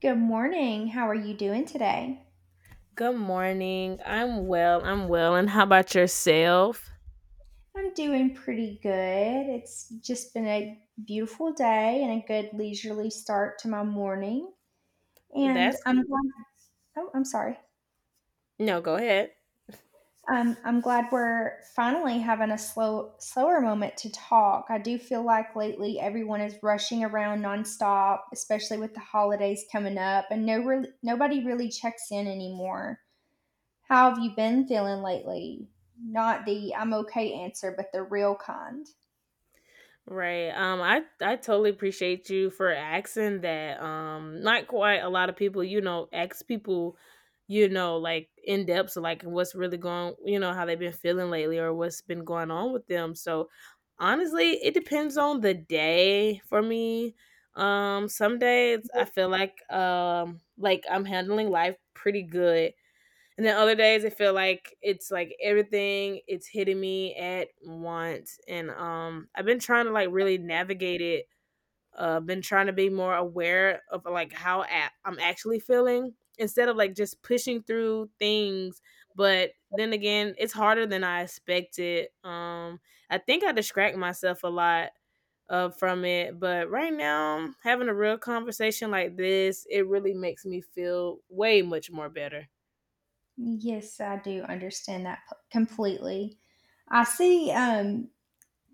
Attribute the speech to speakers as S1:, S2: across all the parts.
S1: Good morning. How are you doing today?
S2: Good morning. I'm well. I'm well. And how about yourself?
S1: I'm doing pretty good. It's just been a beautiful day and a good leisurely start to my morning. And
S2: That's
S1: I'm glad, oh, I'm sorry.
S2: no, go ahead.
S1: I'm glad we're finally having a slower moment to talk. I do feel like lately everyone is rushing around nonstop, especially with the holidays coming up, and no, nobody really checks in anymore. How have you been feeling lately? Not the I'm okay answer, but the real kind.
S2: Right. I totally appreciate you for asking that. Not quite a lot of people, you know, ask people, like in depth so like what's really going, how they've been feeling lately or what's been going on with them. So, honestly, it depends on the day for me. Some days I feel like I'm handling life pretty good. And then other days I feel like it's like everything it's hitting me at once. And I've been trying to like really navigate it. Been trying to be more aware of like I'm actually feeling instead of like just pushing through things. But then again, it's harder than I expected. I think I distract myself a lot from it. But right now, having a real conversation like this, it really makes me feel way much more better.
S1: Yes, I do understand that completely. I see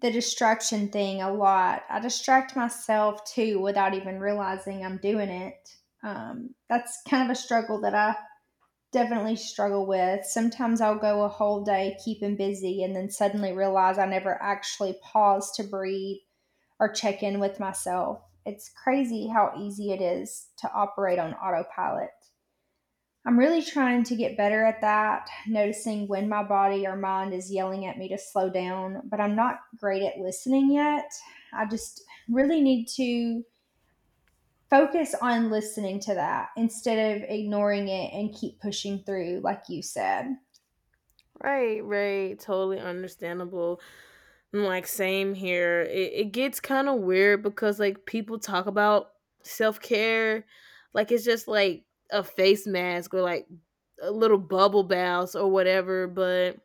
S1: the distraction thing a lot. I distract myself too without even realizing I'm doing it. That's kind of a struggle that I definitely struggle with. Sometimes I'll go a whole day keeping busy and then suddenly realize I never actually paused to breathe or check in with myself. It's crazy how easy it is to operate on autopilot. I'm really trying to get better at that, noticing when my body or mind is yelling at me to slow down, but I'm not great at listening yet. I just really need to focus on listening to that instead of ignoring it and keep pushing through, like you said.
S2: Right, right. Totally understandable. And like, same here. It gets kind of weird because, like, people talk about self care. Like, it's just like a face mask or like a little bubble baths or whatever. But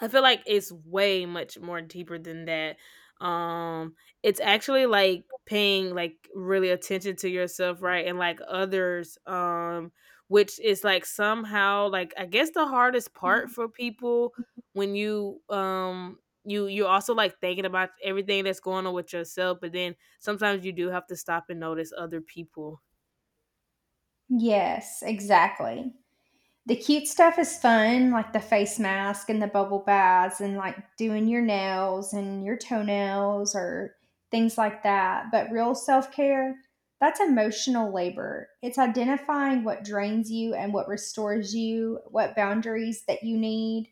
S2: I feel like it's way much more deeper than that. Um, it's actually like paying like really attention to yourself, right? And like others, which is like somehow like I guess the hardest part for people when you're also like thinking about everything that's going on with yourself, but then sometimes you do have to stop and notice other people.
S1: Yes, exactly. The cute stuff is fun, like the face mask and the bubble baths and like doing your nails and your toenails or things like that. But real self care, that's emotional labor. It's identifying what drains you and what restores you, what boundaries that you need,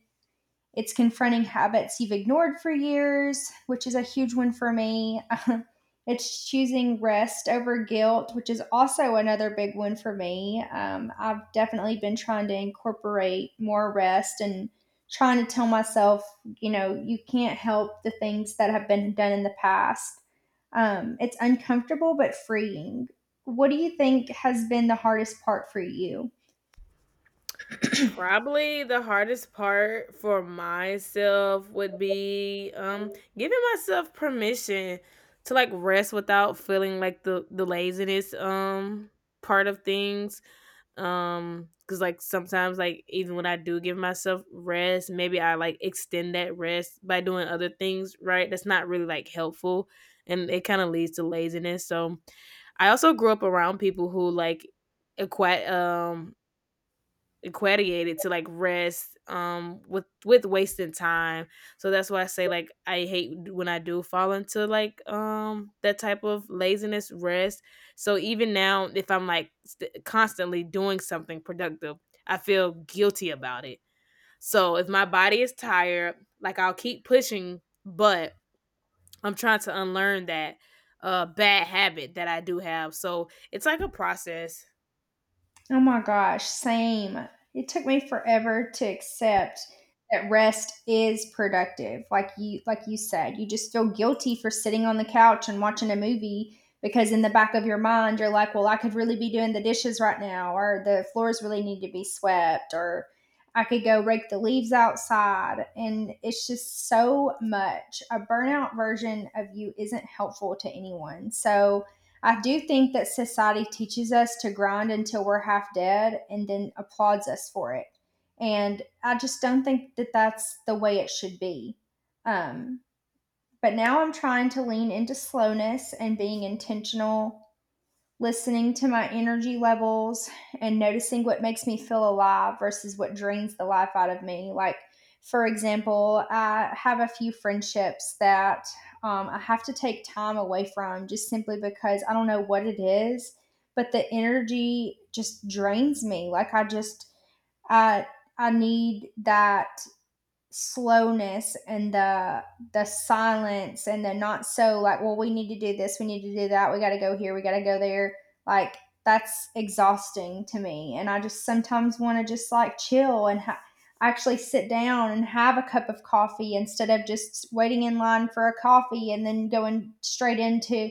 S1: it's confronting habits you've ignored for years, which is a huge one for me. It's choosing rest over guilt, which is also another big one for me. I've definitely been trying to incorporate more rest and trying to tell myself, you can't help the things that have been done in the past. It's uncomfortable but freeing. What do you think has been the hardest part for you?
S2: Probably the hardest part for myself would be giving myself permission to like rest without feeling like the laziness part of things cuz like sometimes like even when I do give myself rest maybe I like extend that rest by doing other things right that's not really like helpful, and it kind of leads to laziness. So I also grew up around people who like equate um equated to like rest with wasting time. So that's why I say like I hate when I do fall into like that type of laziness rest. So even now if I'm like constantly doing something productive, I feel guilty about it. So if my body is tired, like I'll keep pushing, but I'm trying to unlearn that bad habit that I do have, so it's like a process.
S1: Oh my gosh, same. It took me forever to accept that rest is productive. Like you said, you just feel guilty for sitting on the couch and watching a movie because in the back of your mind you're like, "Well, I could really be doing the dishes right now or the floors really need to be swept or I could go rake the leaves outside." And it's just so much. A burnout version of you isn't helpful to anyone. So, I do think that society teaches us to grind until we're half dead and then applauds us for it. And I just don't think that that's the way it should be. Um, but now I'm trying to lean into slowness and being intentional, listening to my energy levels and noticing what makes me feel alive versus what drains the life out of me. Like, for example, I have a few friendships that I have to take time away from just simply because I don't know what it is, but the energy just drains me. Like, I, I need that slowness and the silence, and the not so like, well, we need to do this, we need to do that, we got to go here, we got to go there. Like, that's exhausting to me, and I just sometimes want to just, like, chill and actually sit down and have a cup of coffee instead of just waiting in line for a coffee and then going straight into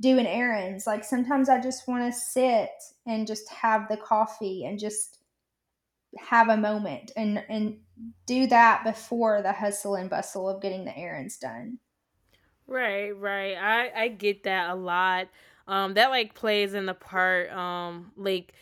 S1: doing errands. Like, sometimes I just want to sit and just have the coffee and just have a moment, and do that before the hustle and bustle of getting the errands done.
S2: Right, right. I get that a lot. That like plays in the part like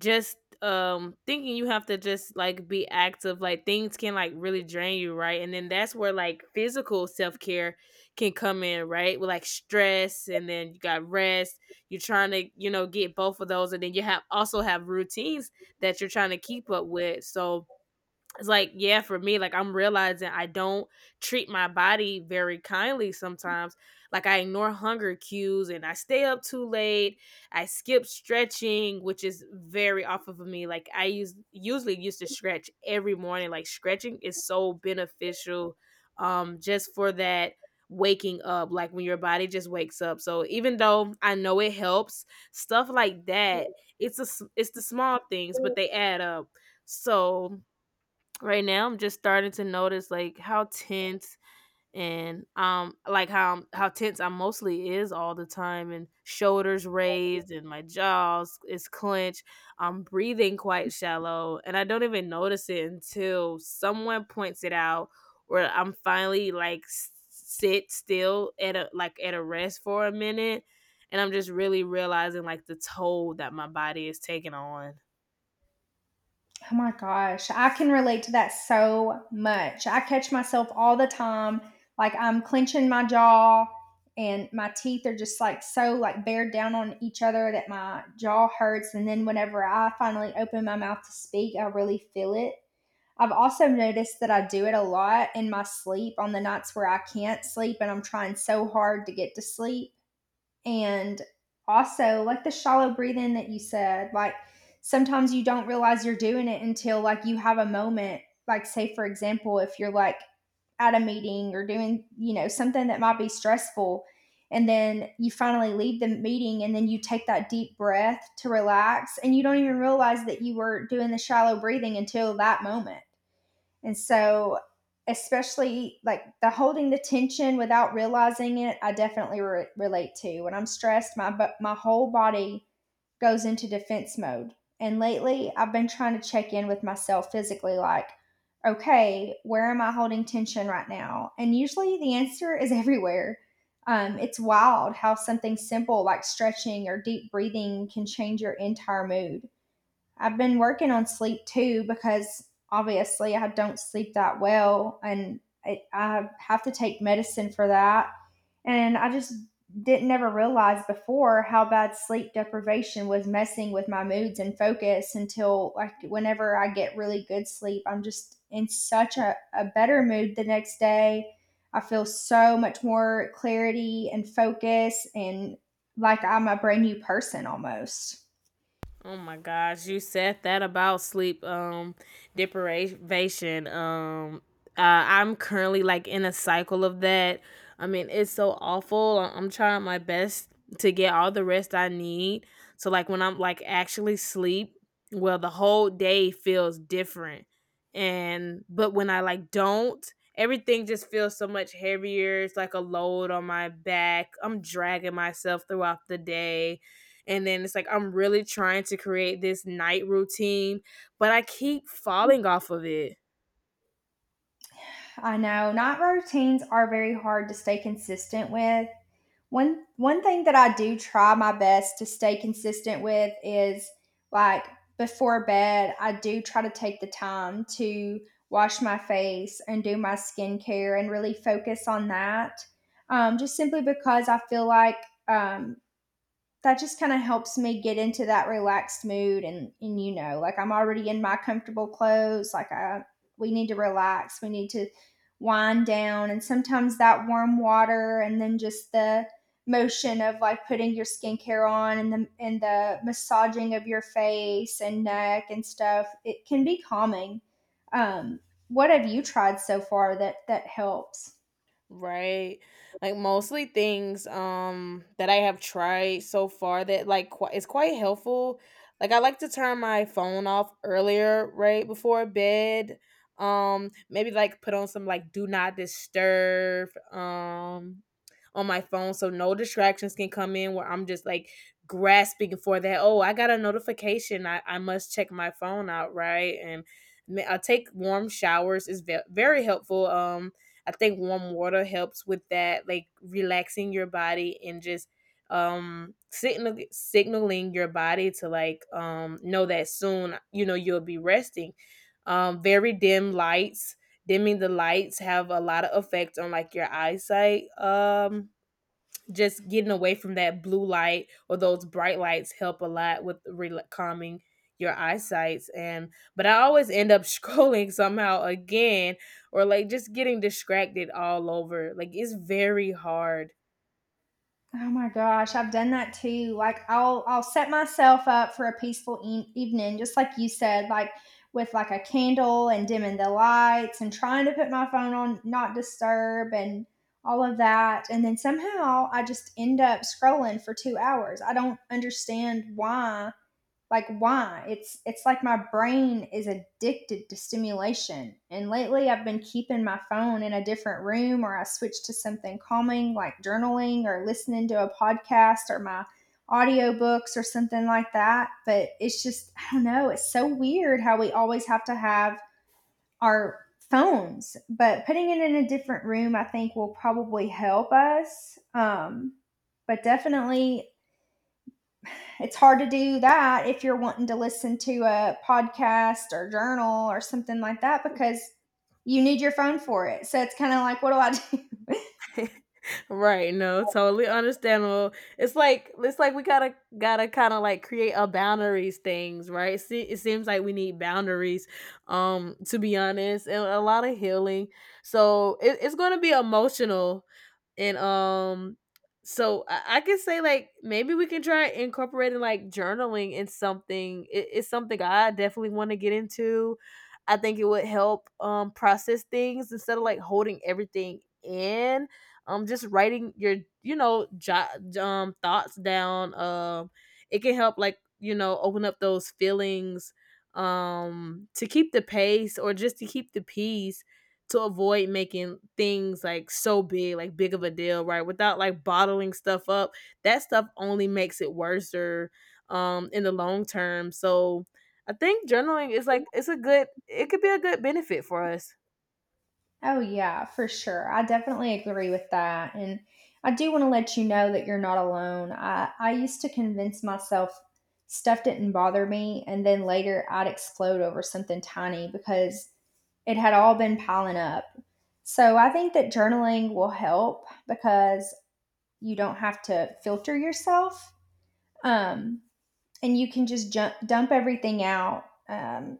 S2: just thinking you have to just like be active, like things can like really drain you, right? And then that's where like physical self-care can come in, right? With like stress and then you got rest. You're trying to, you know, get both of those, and then you have also have routines that you're trying to keep up with. So it's like yeah, for me like I'm realizing I don't treat my body very kindly sometimes. Like I ignore hunger cues and I stay up too late, I skip stretching, which is very off of me. Like I use usually used to stretch every morning. Like stretching is so beneficial, just for that waking up, like when your body just wakes up. So even though I know it helps stuff like that, it's the small things, but they add up. So right now I'm just starting to notice like how tense and like how tense I mostly is all the time, and shoulders raised and my jaws is clenched. I'm breathing quite shallow and I don't even notice it until someone points it out, or I'm finally like sit still at a like at a rest for a minute, and I'm just really realizing like the toll that my body is taking on.
S1: Oh my gosh, I can relate to that so much. I catch myself all the time, like, I'm clenching my jaw and my teeth are just like so like bared down on each other that my jaw hurts, and then whenever I finally open my mouth to speak, I really feel it. I've also noticed that I do it a lot in my sleep on the nights where I can't sleep and I'm trying so hard to get to sleep. And also, like the shallow breathing that you said, like, sometimes you don't realize you're doing it until like you have a moment. Like, say, for example, if you're like at a meeting or doing, something that might be stressful, and then you finally leave the meeting and then you take that deep breath to relax, and you don't even realize that you were doing the shallow breathing until that moment. And so, especially like the holding the tension without realizing it, I definitely relate to. When I'm stressed, my whole body goes into defense mode. And lately, I've been trying to check in with myself physically like, okay, where am I holding tension right now? And usually the answer is everywhere. It's wild how something simple like stretching or deep breathing can change your entire mood. I've been working on sleep too because obviously I don't sleep that well, and I have to take medicine for that. And I just didn't ever realize before how bad sleep deprivation was messing with my moods and focus until like whenever I get really good sleep, I'm just in such a better mood the next day. I feel so much more clarity and focus and like I'm a brand new person almost.
S2: Oh my gosh, you said that about sleep deprivation. I'm currently like in a cycle of that. I mean, it's so awful. I'm trying my best to get all the rest I need. So like when I'm like actually sleep, well the whole day feels different. And but when I like don't, everything just feels so much heavier. It's like a load on my back. I'm dragging myself throughout the day, and then it's like, I'm really trying to create this night routine, but I keep falling off of it.
S1: I know night routines are very hard to stay consistent with. One thing that I do try my best to stay consistent with is, like, before bed, I do try to take the time to wash my face and do my skincare and really focus on that. Just simply because I feel like um, that just kind of helps me get into that relaxed mood. And you know, like, I'm already in my comfortable clothes. Like, I we need to relax, we need to wind down. And sometimes that warm water, and then just the motion of, like, putting your skincare on and the massaging of your face and neck and stuff, it can be calming. um what have you tried so far that helps?
S2: Right. Like mostly things that I have tried so far that like it's quite helpful. Like I like to turn my phone off earlier, right before bed. Maybe like put on some like do not disturb on my phone so no distractions can come in where I'm just like grasping for that. Oh, I got a notification. I must check my phone out, right? And I take warm showers is very helpful. I think warm water helps with that, like relaxing your body and just signaling your body to like know that soon you know you'll be resting. Very dim lights, dimming the lights have a lot of effect on like your eyesight, just getting away from that blue light or those bright lights, help a lot with rel calming your eyesights. And but I always end up scrolling somehow again, or like just getting distracted all over, like it's very hard.
S1: Oh my gosh, I've done that too. Like I'll set myself up for a peaceful evening just like you said, like with like a candle and dimming the lights and trying to put my phone on not disturb and all of that. And then somehow I just end up scrolling for 2 hours. I don't understand why, like, why it's like my brain is addicted to stimulation. And lately I've been keeping my phone in a different room, or I switch to something calming like journaling or listening to a podcast or my audiobooks or something like that. But it's just, I don't know, it's so weird how we always have to have our phones. But putting it in a different room, I think, will probably help us. But definitely it's hard to do that if you're wanting to listen to a podcast or journal or something like that because you need your phone for it. So it's kind of like, what do I do?
S2: Right, no, totally understandable. It's like we gotta kind of like create a boundaries things, right? See, it seems like we need boundaries, to be honest, and a lot of healing. So it's gonna be emotional, and so I can say like maybe we can try incorporating like journaling in something. It's something I definitely want to get into. I think it would help process things instead of like holding everything in, just writing your you know jot thoughts down. It can help like you know open up those feelings, to keep the pace or just to keep the peace, to avoid making things like so big like big of a deal right without like bottling stuff up. That stuff only makes it worse or in the long term. So I think journaling is like it's a good, it could be a good benefit for us.
S1: Oh, yeah, for sure. I definitely agree with that. And I do want to let you know that you're not alone. I used to convince myself stuff didn't bother me. And then later I'd explode over something tiny because it had all been piling up. So I think that journaling will help because you don't have to filter yourself, um, and you can just dump everything out,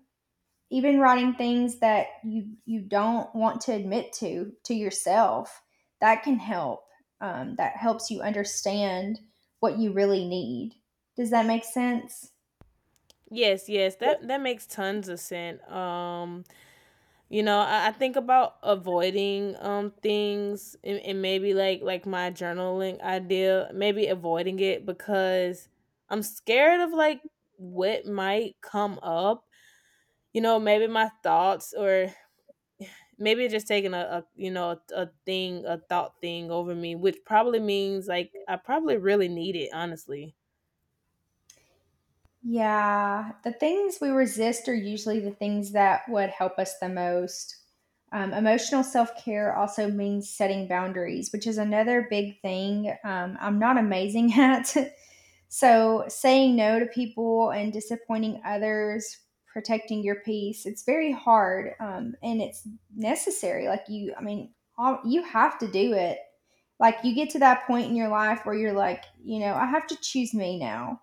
S1: even writing things that you don't want to admit to yourself, that can help. That helps you understand what you really need. Does that make sense?
S2: Yes, that that makes tons of sense. You know, I think about avoiding things, and maybe like my journaling idea, maybe avoiding it because I'm scared of like what might come up. You know, maybe my thoughts, or maybe just taking a you know a thing a thought thing over me, which probably means like I probably really need it honestly.
S1: Yeah, the things we resist are usually the things that would help us the most. Emotional self care also means setting boundaries, which is another big thing I'm not amazing at. So, saying no to people and disappointing others, protecting your peace, it's very hard, and it's necessary. Like, you, I mean, all, you have to do it. Like, you get to that point in your life where you're like, you know, I have to choose me now.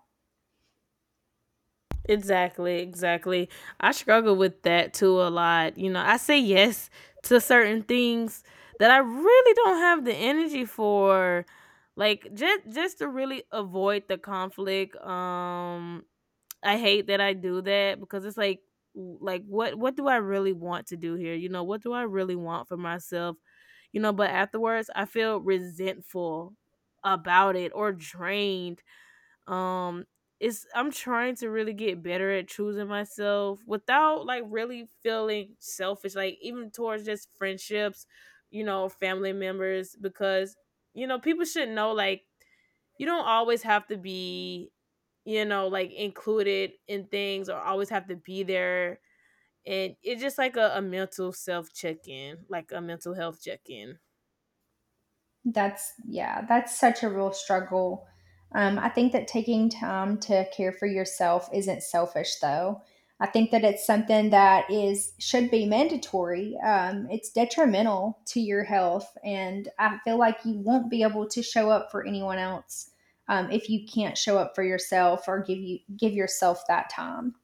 S2: Exactly, exactly. I struggle with that too a lot. You know, I say yes to certain things that I really don't have the energy for. Like just to really avoid the conflict. I hate that I do that because it's like like what do I really want to do here? You know, what do I really want for myself? You know, but afterwards I feel resentful about it or drained, um it's I'm trying to really get better at choosing myself without like really feeling selfish, like even towards just friendships, you know, family members, because you know, people should know like you don't always have to be you know, like included in things or always have to be there. And it's just like a mental self check-in, like a mental health check-in.
S1: That's Yeah, that's such a real struggle. I think that taking time to care for yourself isn't selfish, though. I think that it's something that is should be mandatory. It's detrimental to your health, and I feel like you won't be able to show up for anyone else if you can't show up for yourself or give yourself that time.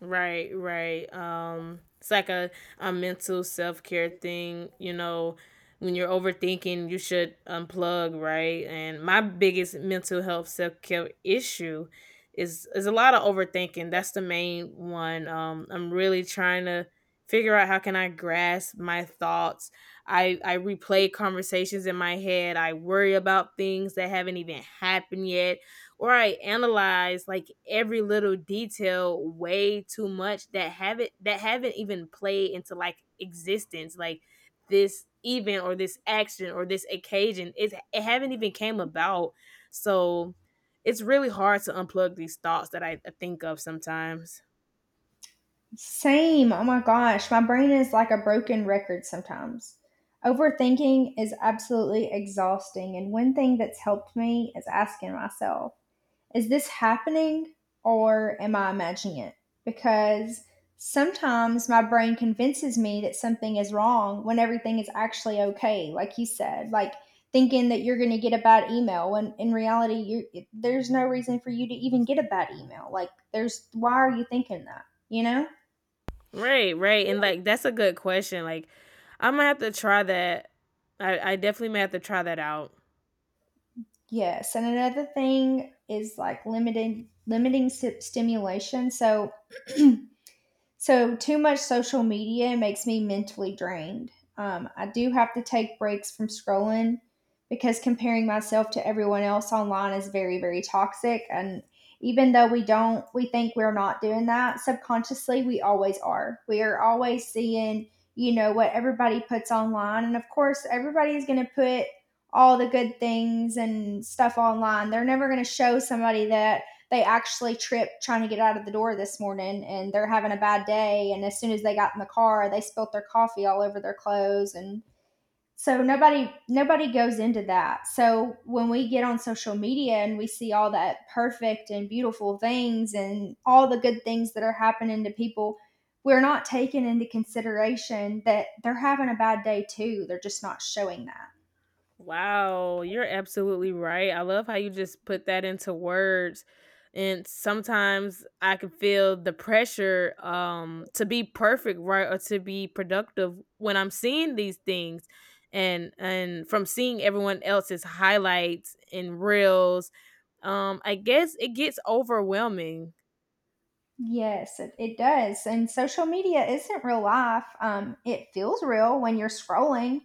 S2: Right, right. It's like a mental self care thing. You know, when you're overthinking, you should unplug, right? And my biggest mental health self care issue is a lot of overthinking. That's the main one. I'm really trying to figure out how can I grasp my thoughts. I replay conversations in my head. I worry about things that haven't even happened yet, or I analyze like every little detail way too much that haven't even played into like existence, like this event or this action or this occasion, it haven't even came about. So it's really hard to unplug these thoughts that I think of sometimes.
S1: Same. Oh my gosh. My brain is like a broken record sometimes. Overthinking is absolutely exhausting. And one thing that's helped me is asking myself, is this happening or am I imagining it? Because sometimes my brain convinces me that something is wrong when everything is actually okay, like you said, like thinking that you're going to get a bad email when in reality you there's no reason for you to even get a bad email. Like there's why are you thinking that? You know?
S2: Right, right, and like that's a good question. Like I'm gonna have to try that. I definitely may have to try that out.
S1: Yes, and another thing is like limited limiting stimulation. So too much social media makes me mentally drained. I do have to take breaks from scrolling because comparing myself to everyone else online is very, very toxic. And even though we think we're not doing that subconsciously, we always are. We are always seeing, you know, what everybody puts online. And of course, everybody's going to put all the good things and stuff online. They're never going to show somebody that they actually tripped trying to get out of the door this morning and they're having a bad day. And as soon as they got in the car, they spilt their coffee all over their clothes, and so nobody goes into that. So when we get on social media and we see all that perfect and beautiful things and all the good things that are happening to people, we're not taking into consideration that they're having a bad day too. They're just not showing that.
S2: Wow, you're absolutely right. I love how you just put that into words. And sometimes I can feel the pressure to be perfect, right, or to be productive when I'm seeing these things, and from seeing everyone else's highlights and reels. I guess it gets overwhelming.
S1: Yes, it does. And social media isn't real life. It feels real when you're scrolling,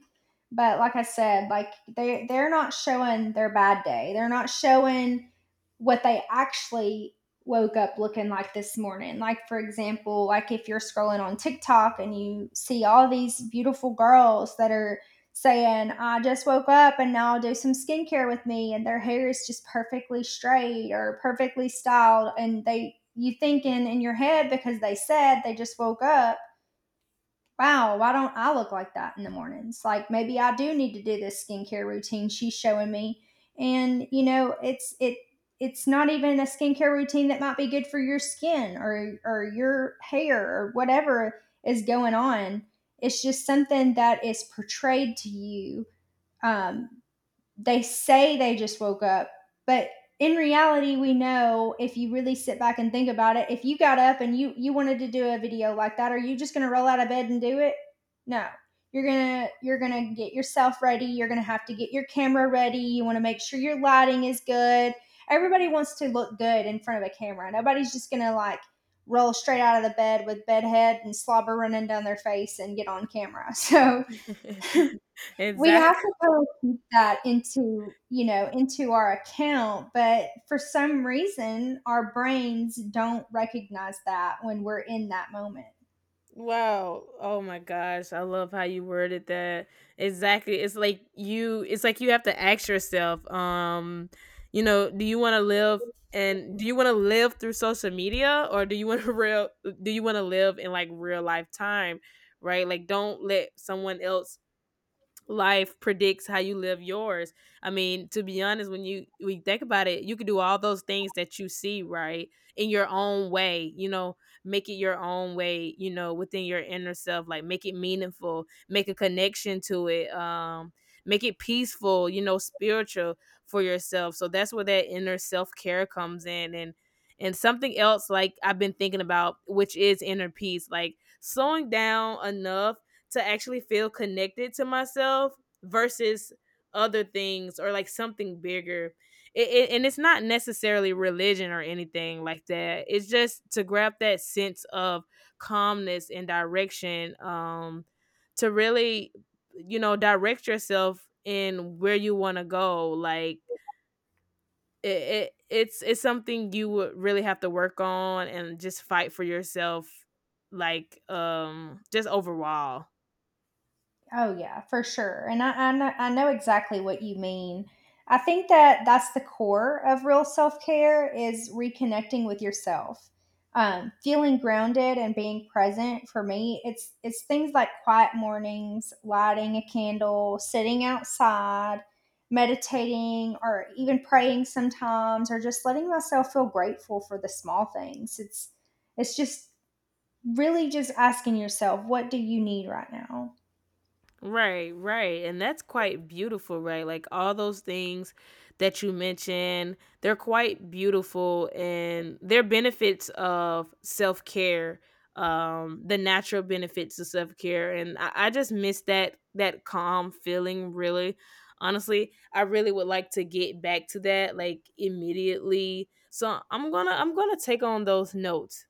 S1: but like I said, like they're not showing their bad day. They're not showing what they actually woke up looking like this morning. Like for example, like if you're scrolling on TikTok and you see all these beautiful girls that are saying, "I just woke up and now I'll do some skincare with me," and their hair is just perfectly straight or perfectly styled, and they you thinking in your head because they said they just woke up, wow, why don't I look like that in the mornings? Like maybe I do need to do this skincare routine she's showing me. And you know, it's it's not even a skincare routine that might be good for your skin or your hair or whatever is going on. It's just something that is portrayed to you, um, they say they just woke up, but in reality, we know if you really sit back and think about it, if you got up and you wanted to do a video like that, are you just going to roll out of bed and do it? No. You're going to get yourself ready, you're going to have to get your camera ready, you want to make sure your lighting is good. Everybody wants to look good in front of a camera. Nobody's just going to like roll straight out of the bed with bed head and slobber running down their face and get on camera. So, we
S2: Exactly.
S1: have to kind of keep that into, you know, into our account, but for some reason our brains don't recognize that when we're in that moment.
S2: Wow. Oh my gosh. I love how you worded that. Exactly. It's like you have to ask yourself, you know, do you want to live and do you want to live through social media or do you want to real do you want to live in like real life time, right? Like don't let someone else life predicts how you live yours. I mean, to be honest, when you we think about it, you can do all those things that you see, right? In your own way, you know, make it your own way, you know, within your inner self, like make it meaningful, make a connection to it, make it peaceful, you know, spiritual for yourself. So that's where that inner self-care comes in, and something else like I've been thinking about, which is inner peace, like slowing down enough to actually feel connected to myself versus other things or like something bigger. And it's not necessarily religion or anything like that. It's just to grab that sense of calmness and direction, to really, you know, direct yourself in where you want to go. Like it's it's something you would really have to work on and just fight for yourself, like just overall.
S1: Oh yeah, for sure. And I know exactly what you mean. I think that that's the core of real self-care is reconnecting with yourself. Feeling grounded and being present for me, it's things like quiet mornings, lighting a candle, sitting outside, meditating or even praying sometimes or just letting myself feel grateful for the small things. It's just Really just asking yourself, what do you need right now?
S2: Right, right. And that's quite beautiful, right? Like all those things that you mentioned, they're quite beautiful and they're benefits of self care, the natural benefits of self care. And I just miss that calm feeling, really. Honestly, I really would like to get back to that like immediately. So I'm gonna take on those notes.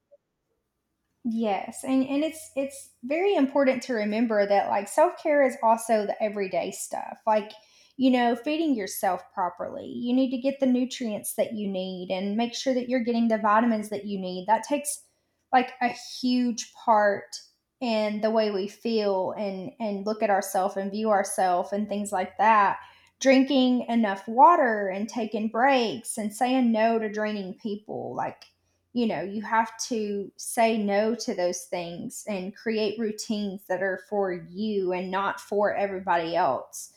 S1: Yes, and it's very important to remember that like self-care is also the everyday stuff. Like, you know, feeding yourself properly. You need to get the nutrients that you need and make sure that you're getting the vitamins that you need. That takes like a huge part in the way we feel and look at ourselves and view ourselves and things like that. Drinking enough water and taking breaks and saying no to draining people. Like, you know, you have to say no to those things and create routines that are for you and not for everybody else.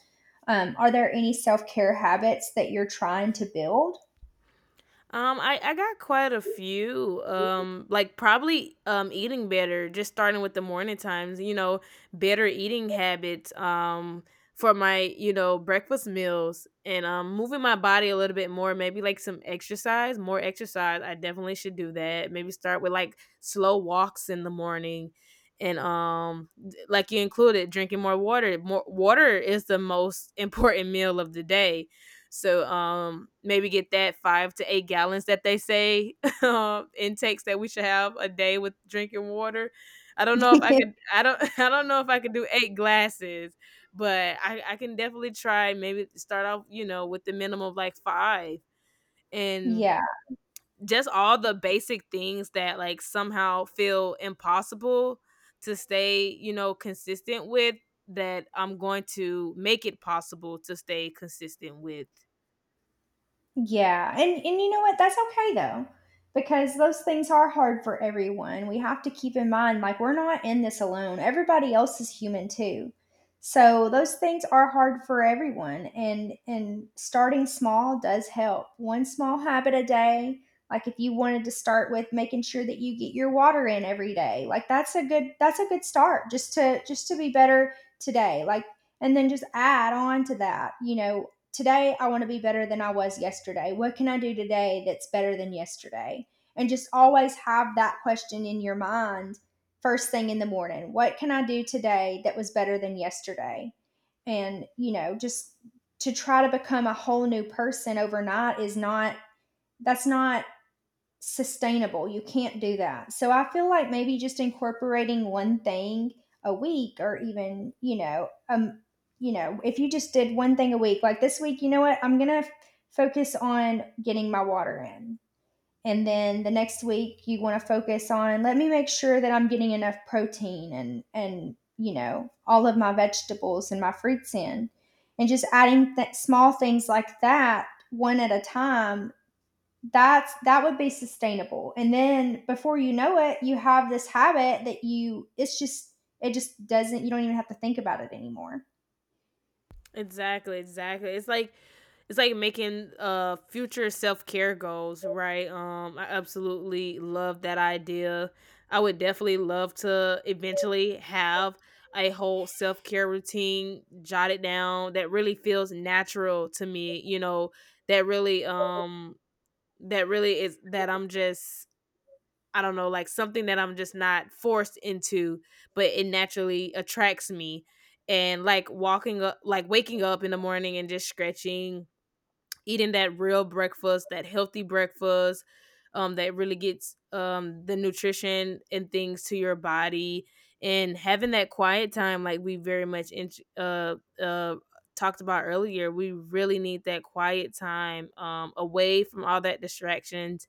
S1: Are there any self care habits that you're trying to build?
S2: I got quite a few. Like probably eating better, just starting with the morning times, you know, better eating habits, for my, you know, breakfast meals, and moving my body a little bit more, maybe like some exercise, more exercise. I definitely should do that. Maybe start with like slow walks in the morning, and like you included, drinking more water. More water is the most important meal of the day, so maybe get that 5 to 8 gallons that they say intakes that we should have a day with drinking water. I don't know if I could. I don't. I don't know if I could do eight glasses, but I can definitely try. Maybe start off, you know, with the minimum of like five, and
S1: Yeah.
S2: just all the basic things that like somehow feel impossible to stay, you know, consistent with. That I'm going to make it possible to stay consistent with.
S1: Yeah, and you know what? That's okay though, because those things are hard for everyone. We have to keep in mind like we're not in this alone. Everybody else is human too. So those things are hard for everyone, and starting small does help. One small habit a day, like if you wanted to start with making sure that you get your water in every day. Like that's a good start just to be better today. Like, and then just add on to that, you know, today I want to be better than I was yesterday. What can I do today that's better than yesterday? And just always have that question in your mind first thing in the morning. What can I do today that was better than yesterday? And, you know, just to try to become a whole new person overnight is not, that's not sustainable. You can't do that. So I feel like maybe just incorporating one thing a week, or even, you know, if you just did one thing a week, like this week, you know what? I'm going to focus on getting my water in. And then the next week you want to focus on, let me make sure that I'm getting enough protein and you know, all of my vegetables and my fruits in. And just adding small things like that one at a time, that would be sustainable, and then before you know it, you have this habit that you it's just it just doesn't you don't even have to think about it anymore.
S2: Exactly, exactly. It's like making future self-care goals, right? I absolutely love that idea. I would definitely love to eventually have a whole self-care routine jotted down that really feels natural to me, you know, that really that really is that I'm just, I don't know, like something that I'm just not forced into, but it naturally attracts me. And like waking up in the morning and just stretching, eating that real breakfast, that healthy breakfast, that really gets the nutrition and things to your body, and having that quiet time, like we very much uh uh talked about earlier. We really need that quiet time away from all that distractions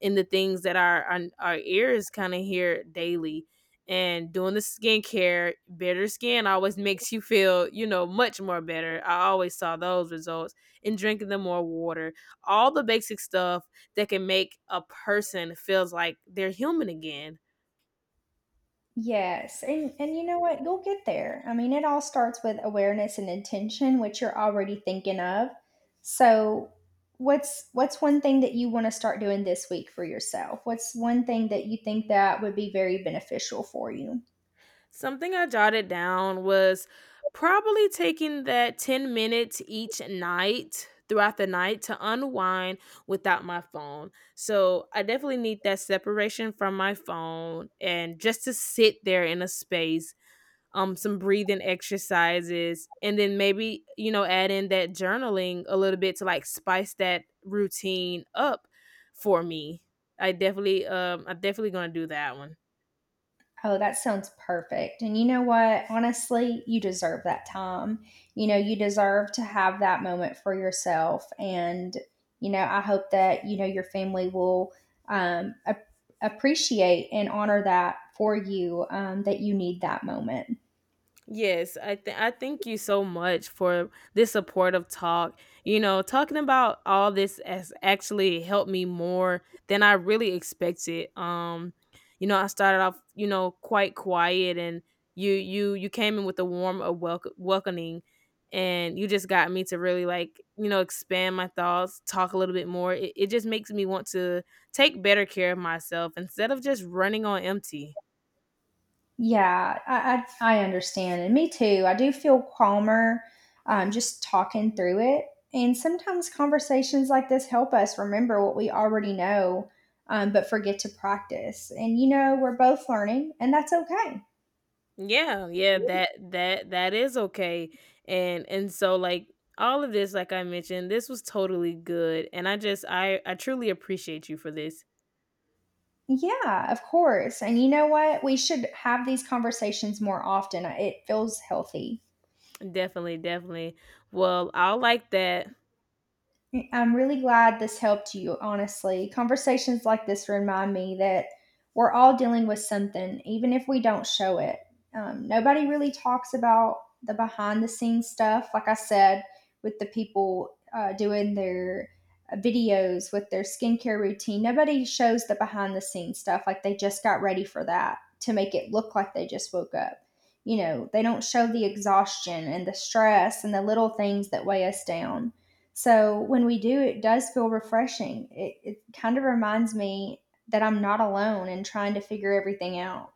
S2: in the things that our ears kind of hear daily. And doing the skincare, better skin always makes you feel, you know, much more better. I always saw those results. And drinking the more water, all the basic stuff that can make a person feels like they're human again.
S1: Yes, and you know what? You'll get there. I mean, it all starts with awareness and intention, which you're already thinking of. So, what's one thing that you want to start doing this week for yourself? What's one thing that you think that would be very beneficial for you?
S2: Something I jotted down was probably taking that 10 minutes each night throughout the night to unwind without my phone. So I definitely need that separation from my phone and just to sit there in a space, some breathing exercises, and then maybe, you know, add in that journaling a little bit to like spice that routine up for me. I'm definitely going to do that one.
S1: Oh, that sounds perfect. And you know what? Honestly, you deserve that time. You know, you deserve to have that moment for yourself. And, you know, I hope that, you know, your family will um, ap- appreciate and honor that for you, that you need that moment.
S2: Yes, I thank you so much for this supportive talk. You know, talking about all this has actually helped me more than I really expected. You know, I started off, you know, quite quiet, and you came in with a warm, welcoming, and you just got me to really like, you know, expand my thoughts, talk a little bit more. It just makes me want to take better care of myself instead of just running on empty.
S1: Yeah, I understand. And me too. I do feel calmer just talking through it. And sometimes conversations like this help us remember what we already know, but forget to practice. And you know, we're both learning, and that's okay.
S2: Yeah, yeah, that is okay. And so like all of this like I mentioned, this was totally good, and I just I truly appreciate you for this.
S1: Yeah, of course. And you know what? We should have these conversations more often. It feels healthy.
S2: Definitely, definitely. Well, I'll like that.
S1: I'm really glad this helped you, honestly. Conversations like this remind me that we're all dealing with something, even if we don't show it. Nobody really talks about the behind the scenes stuff, like I said, with the people doing their videos with their skincare routine. Nobody shows the behind the scenes stuff, like they just got ready for that to make it look like they just woke up. You know, they don't show the exhaustion and the stress and the little things that weigh us down. So when we do, it does feel refreshing. It kind of reminds me that I'm not alone in trying to figure everything out.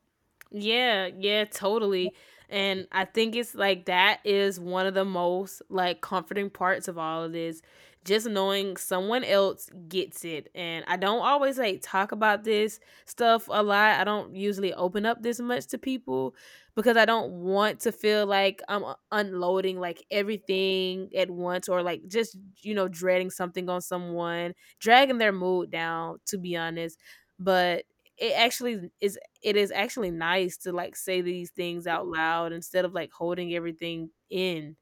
S2: Yeah, yeah, totally. And I think it's like that is one of the most like comforting parts of all of this. Just knowing someone else gets it. And I don't always like talk about this stuff a lot. I don't usually open up this much to people because I don't want to feel like unloading like everything at once, or like just, you know, dreading something on someone, dragging their mood down, to be honest. But it actually is, it is actually nice to like say these things out loud instead of like holding everything in.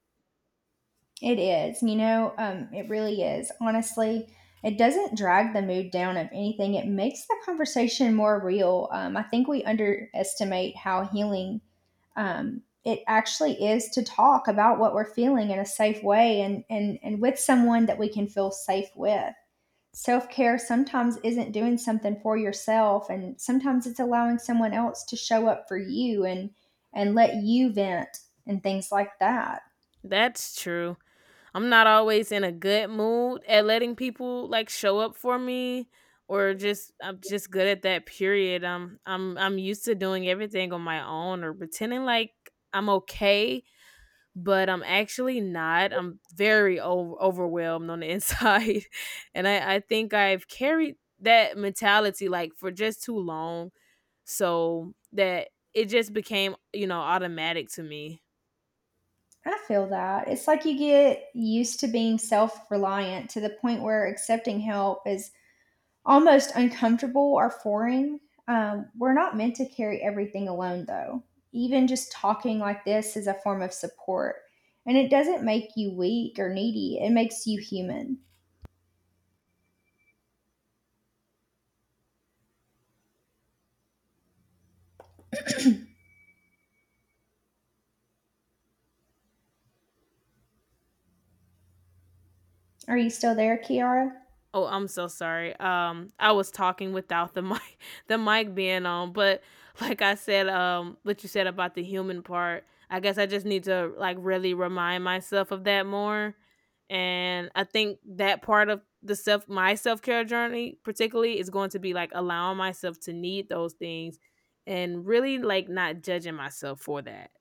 S1: It is, you know, it really is. Honestly, it doesn't drag the mood down of anything. It makes the conversation more real. I think we underestimate how healing it actually is to talk about what we're feeling in a safe way, and with someone that we can feel safe with. Self care sometimes isn't doing something for yourself, and sometimes it's allowing someone else to show up for you and let you vent and things like that.
S2: That's true. I'm not always in a good mood at letting people like show up for me, or just I'm just good at that period. I'm used to doing everything on my own or pretending like I'm okay, but I'm actually not. I'm very overwhelmed on the inside. And I think I've carried that mentality like for just too long, so that it just became, you know, automatic to me.
S1: I feel that. It's like you get used to being self reliant to the point where accepting help is almost uncomfortable or foreign. We're not meant to carry everything alone, though. Even just talking like this is a form of support. And it doesn't make you weak or needy, it makes you human. Are you still there, Kiara?
S2: Oh, I'm so sorry. I was talking without the mic, the mic being on. But like I said, what you said about the human part, I guess I just need to like really remind myself of that more. And I think that part of my self care journey, particularly, is going to be like allowing myself to need those things, and really like not judging myself for that.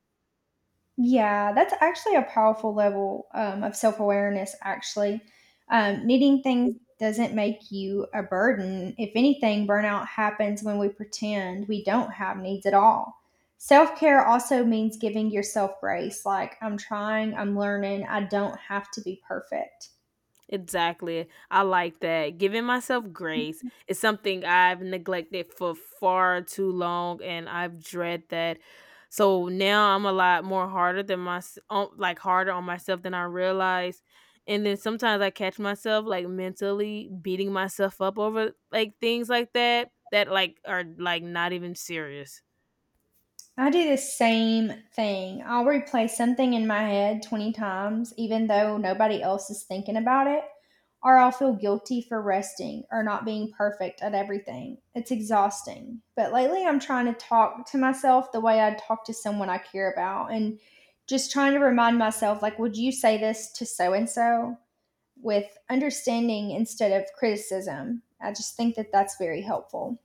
S1: Yeah, that's actually a powerful level of self awareness, actually. Needing things doesn't make you a burden. If anything, burnout happens when we pretend we don't have needs at all. Self care also means giving yourself grace, like, I'm trying, I'm learning, I don't have to be perfect.
S2: Exactly. I like that. Giving myself grace is something I've neglected for far too long, and I've dread that. So now I'm a lot more harder than my on- like harder on myself than I realized. And then sometimes I catch myself like mentally beating myself up over like things like that that like are like not even serious.
S1: I do the same thing. I'll replay something in my head 20 times, even though nobody else is thinking about it, or I'll feel guilty for resting or not being perfect at everything. It's exhausting. But lately, I'm trying to talk to myself the way I'd talk to someone I care about, and just trying to remind myself, like, would you say this to so and so with understanding instead of criticism? I just think that that's very helpful.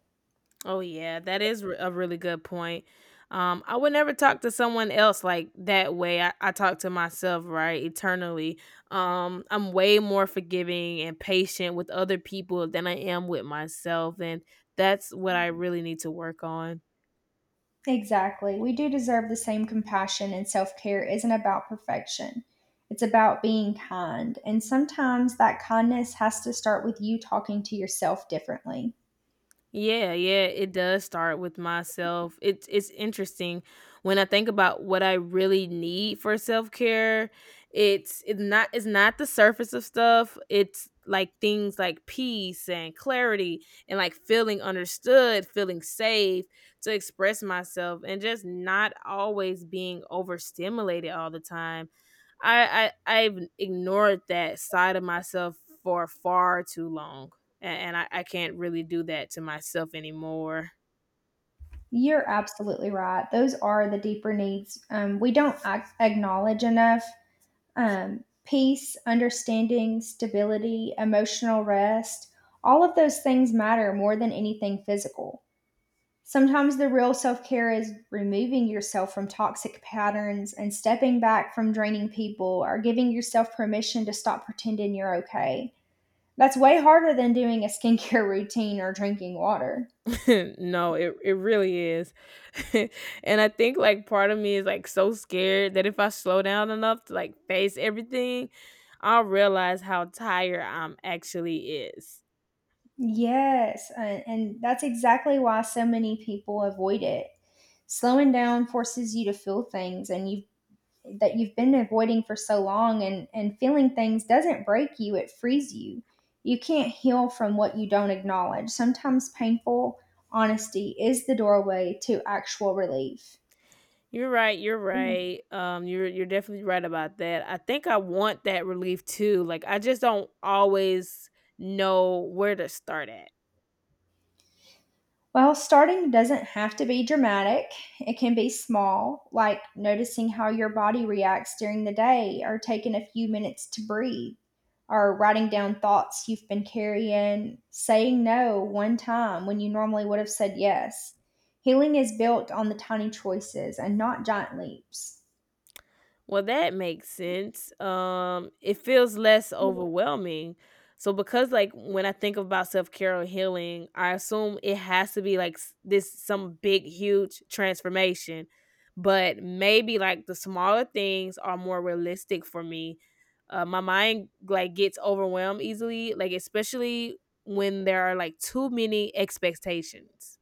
S2: Oh yeah, that is a really good point. I would never talk to someone else like that way. I talk to myself, right, eternally. I'm way more forgiving and patient with other people than I am with myself, and that's what I really need to work on.
S1: Exactly. We do deserve the same compassion, and self care isn't about perfection. It's about being kind. And sometimes that kindness has to start with you talking to yourself differently.
S2: Yeah, yeah, it does start with myself. It's interesting when I think about what I really need for self-care. It's not the surface of stuff. It's like things like peace and clarity and like feeling understood, feeling safe to express myself, and just not always being overstimulated all the time. I've ignored that side of myself for far too long, and, I can't really do that to myself anymore.
S1: You're absolutely right. Those are the deeper needs we don't acknowledge enough. Peace, understanding, stability, emotional rest, all of those things matter more than anything physical. Sometimes the real self care is removing yourself from toxic patterns and stepping back from draining people or giving yourself permission to stop pretending you're okay. That's way harder than doing a skincare routine or drinking water.
S2: No, it really is. And I think like part of me is like so scared that if I slow down enough to like face everything, I'll realize how tired I'm actually is.
S1: Yes, and, that's exactly why so many people avoid it. Slowing down forces you to feel things and you that you've been avoiding for so long, and feeling things doesn't break you, it frees you. You can't heal from what you don't acknowledge. Sometimes painful honesty is the doorway to actual relief.
S2: You're right, you're right. You're definitely right about that. I think I want that relief too. Like I just don't always know where to start at.
S1: Well, starting doesn't have to be dramatic. It can be small, like noticing how your body reacts during the day, or taking a few minutes to breathe, or writing down thoughts you've been carrying, saying no one time when you normally would have said yes. Healing is built on the tiny choices and not giant leaps.
S2: Well, that makes sense. It feels less overwhelming. So, because like when I think about self care or healing, I assume it has to be like this some big, huge transformation. But maybe like the smaller things are more realistic for me. My mind like gets overwhelmed easily, like especially when there are like too many expectations.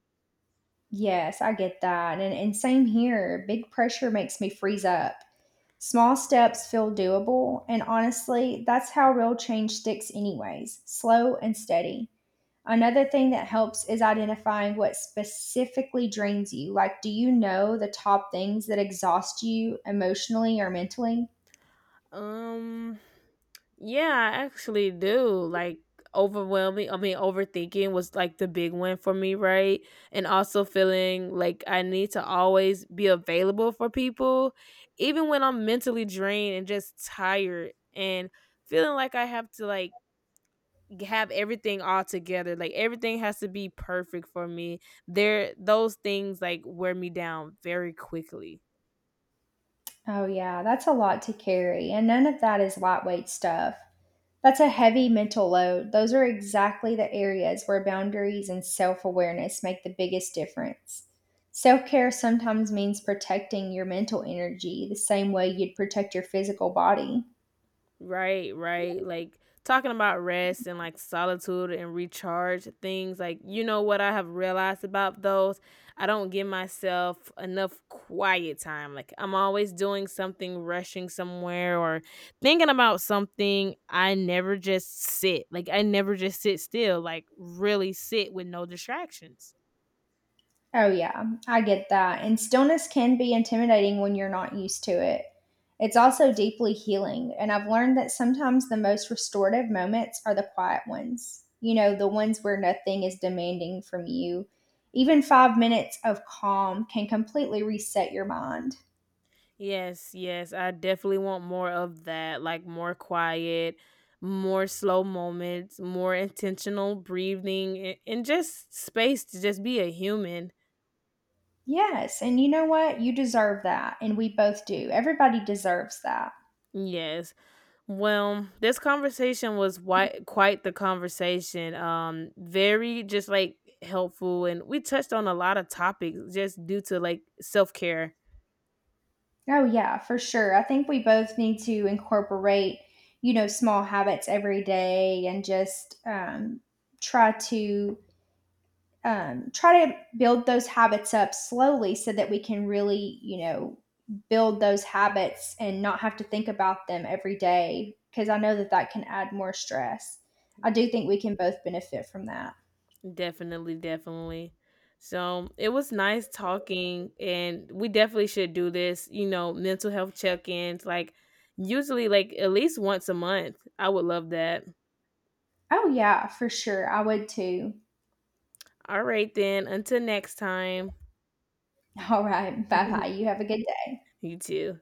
S1: Yes, I get that. And, same here. Big pressure makes me freeze up. Small steps feel doable, and honestly, that's how real change sticks, anyways slow and steady. Another thing that helps is identifying what specifically drains you. Like, do you know the top things that exhaust you emotionally or mentally?
S2: Um. Yeah, I actually do. Like overthinking was like the big one for me, right? And also feeling like I need to always be available for people, even when I'm mentally drained and just tired, and feeling like I have to like have everything all together. Like everything has to be perfect for me. There those things like wear me down very quickly.
S1: Oh, yeah, that's a lot to carry, and none of that is lightweight stuff. That's a heavy mental load. Those are exactly the areas where boundaries and self awareness make the biggest difference. Self care sometimes means protecting your mental energy the same way you'd protect your physical body.
S2: Right, right. Like talking about rest and like solitude and recharge things, like you know what I have realized about those? I don't give myself enough quiet time. Like I'm always doing something, rushing somewhere, or thinking about something. I never just sit. Like I never just sit still, like really sit with no distractions.
S1: Oh, yeah, I get that. And stillness can be intimidating when you're not used to it. It's also deeply healing, and I've learned that sometimes the most restorative moments are the quiet ones. You know, the ones where nothing is demanding from you. Even 5 minutes of calm can completely reset your mind.
S2: Yes, yes. I definitely want more of that, like more quiet, more slow moments, more intentional breathing, and just space to just be a human.
S1: Yes, and you know what? You deserve that, and we both do. Everybody deserves that.
S2: Yes. Well, this conversation was quite the conversation. Very just like helpful, and we touched on a lot of topics just due to like self-care.
S1: Oh, yeah, for sure. I think we both need to incorporate, you know, small habits every day and just try to try to build those habits up slowly so that we can really, you know, build those habits and not have to think about them every day because I know that that can add more stress. I do think we can both benefit from that.
S2: Definitely, definitely. So it was nice talking, and we definitely should do this, you know, mental health check ins, like usually, like at least once a month. I would love that.
S1: Oh, yeah, for sure. I would too.
S2: All right, then, until next time.
S1: All right. Bye bye. You have a good
S2: You too.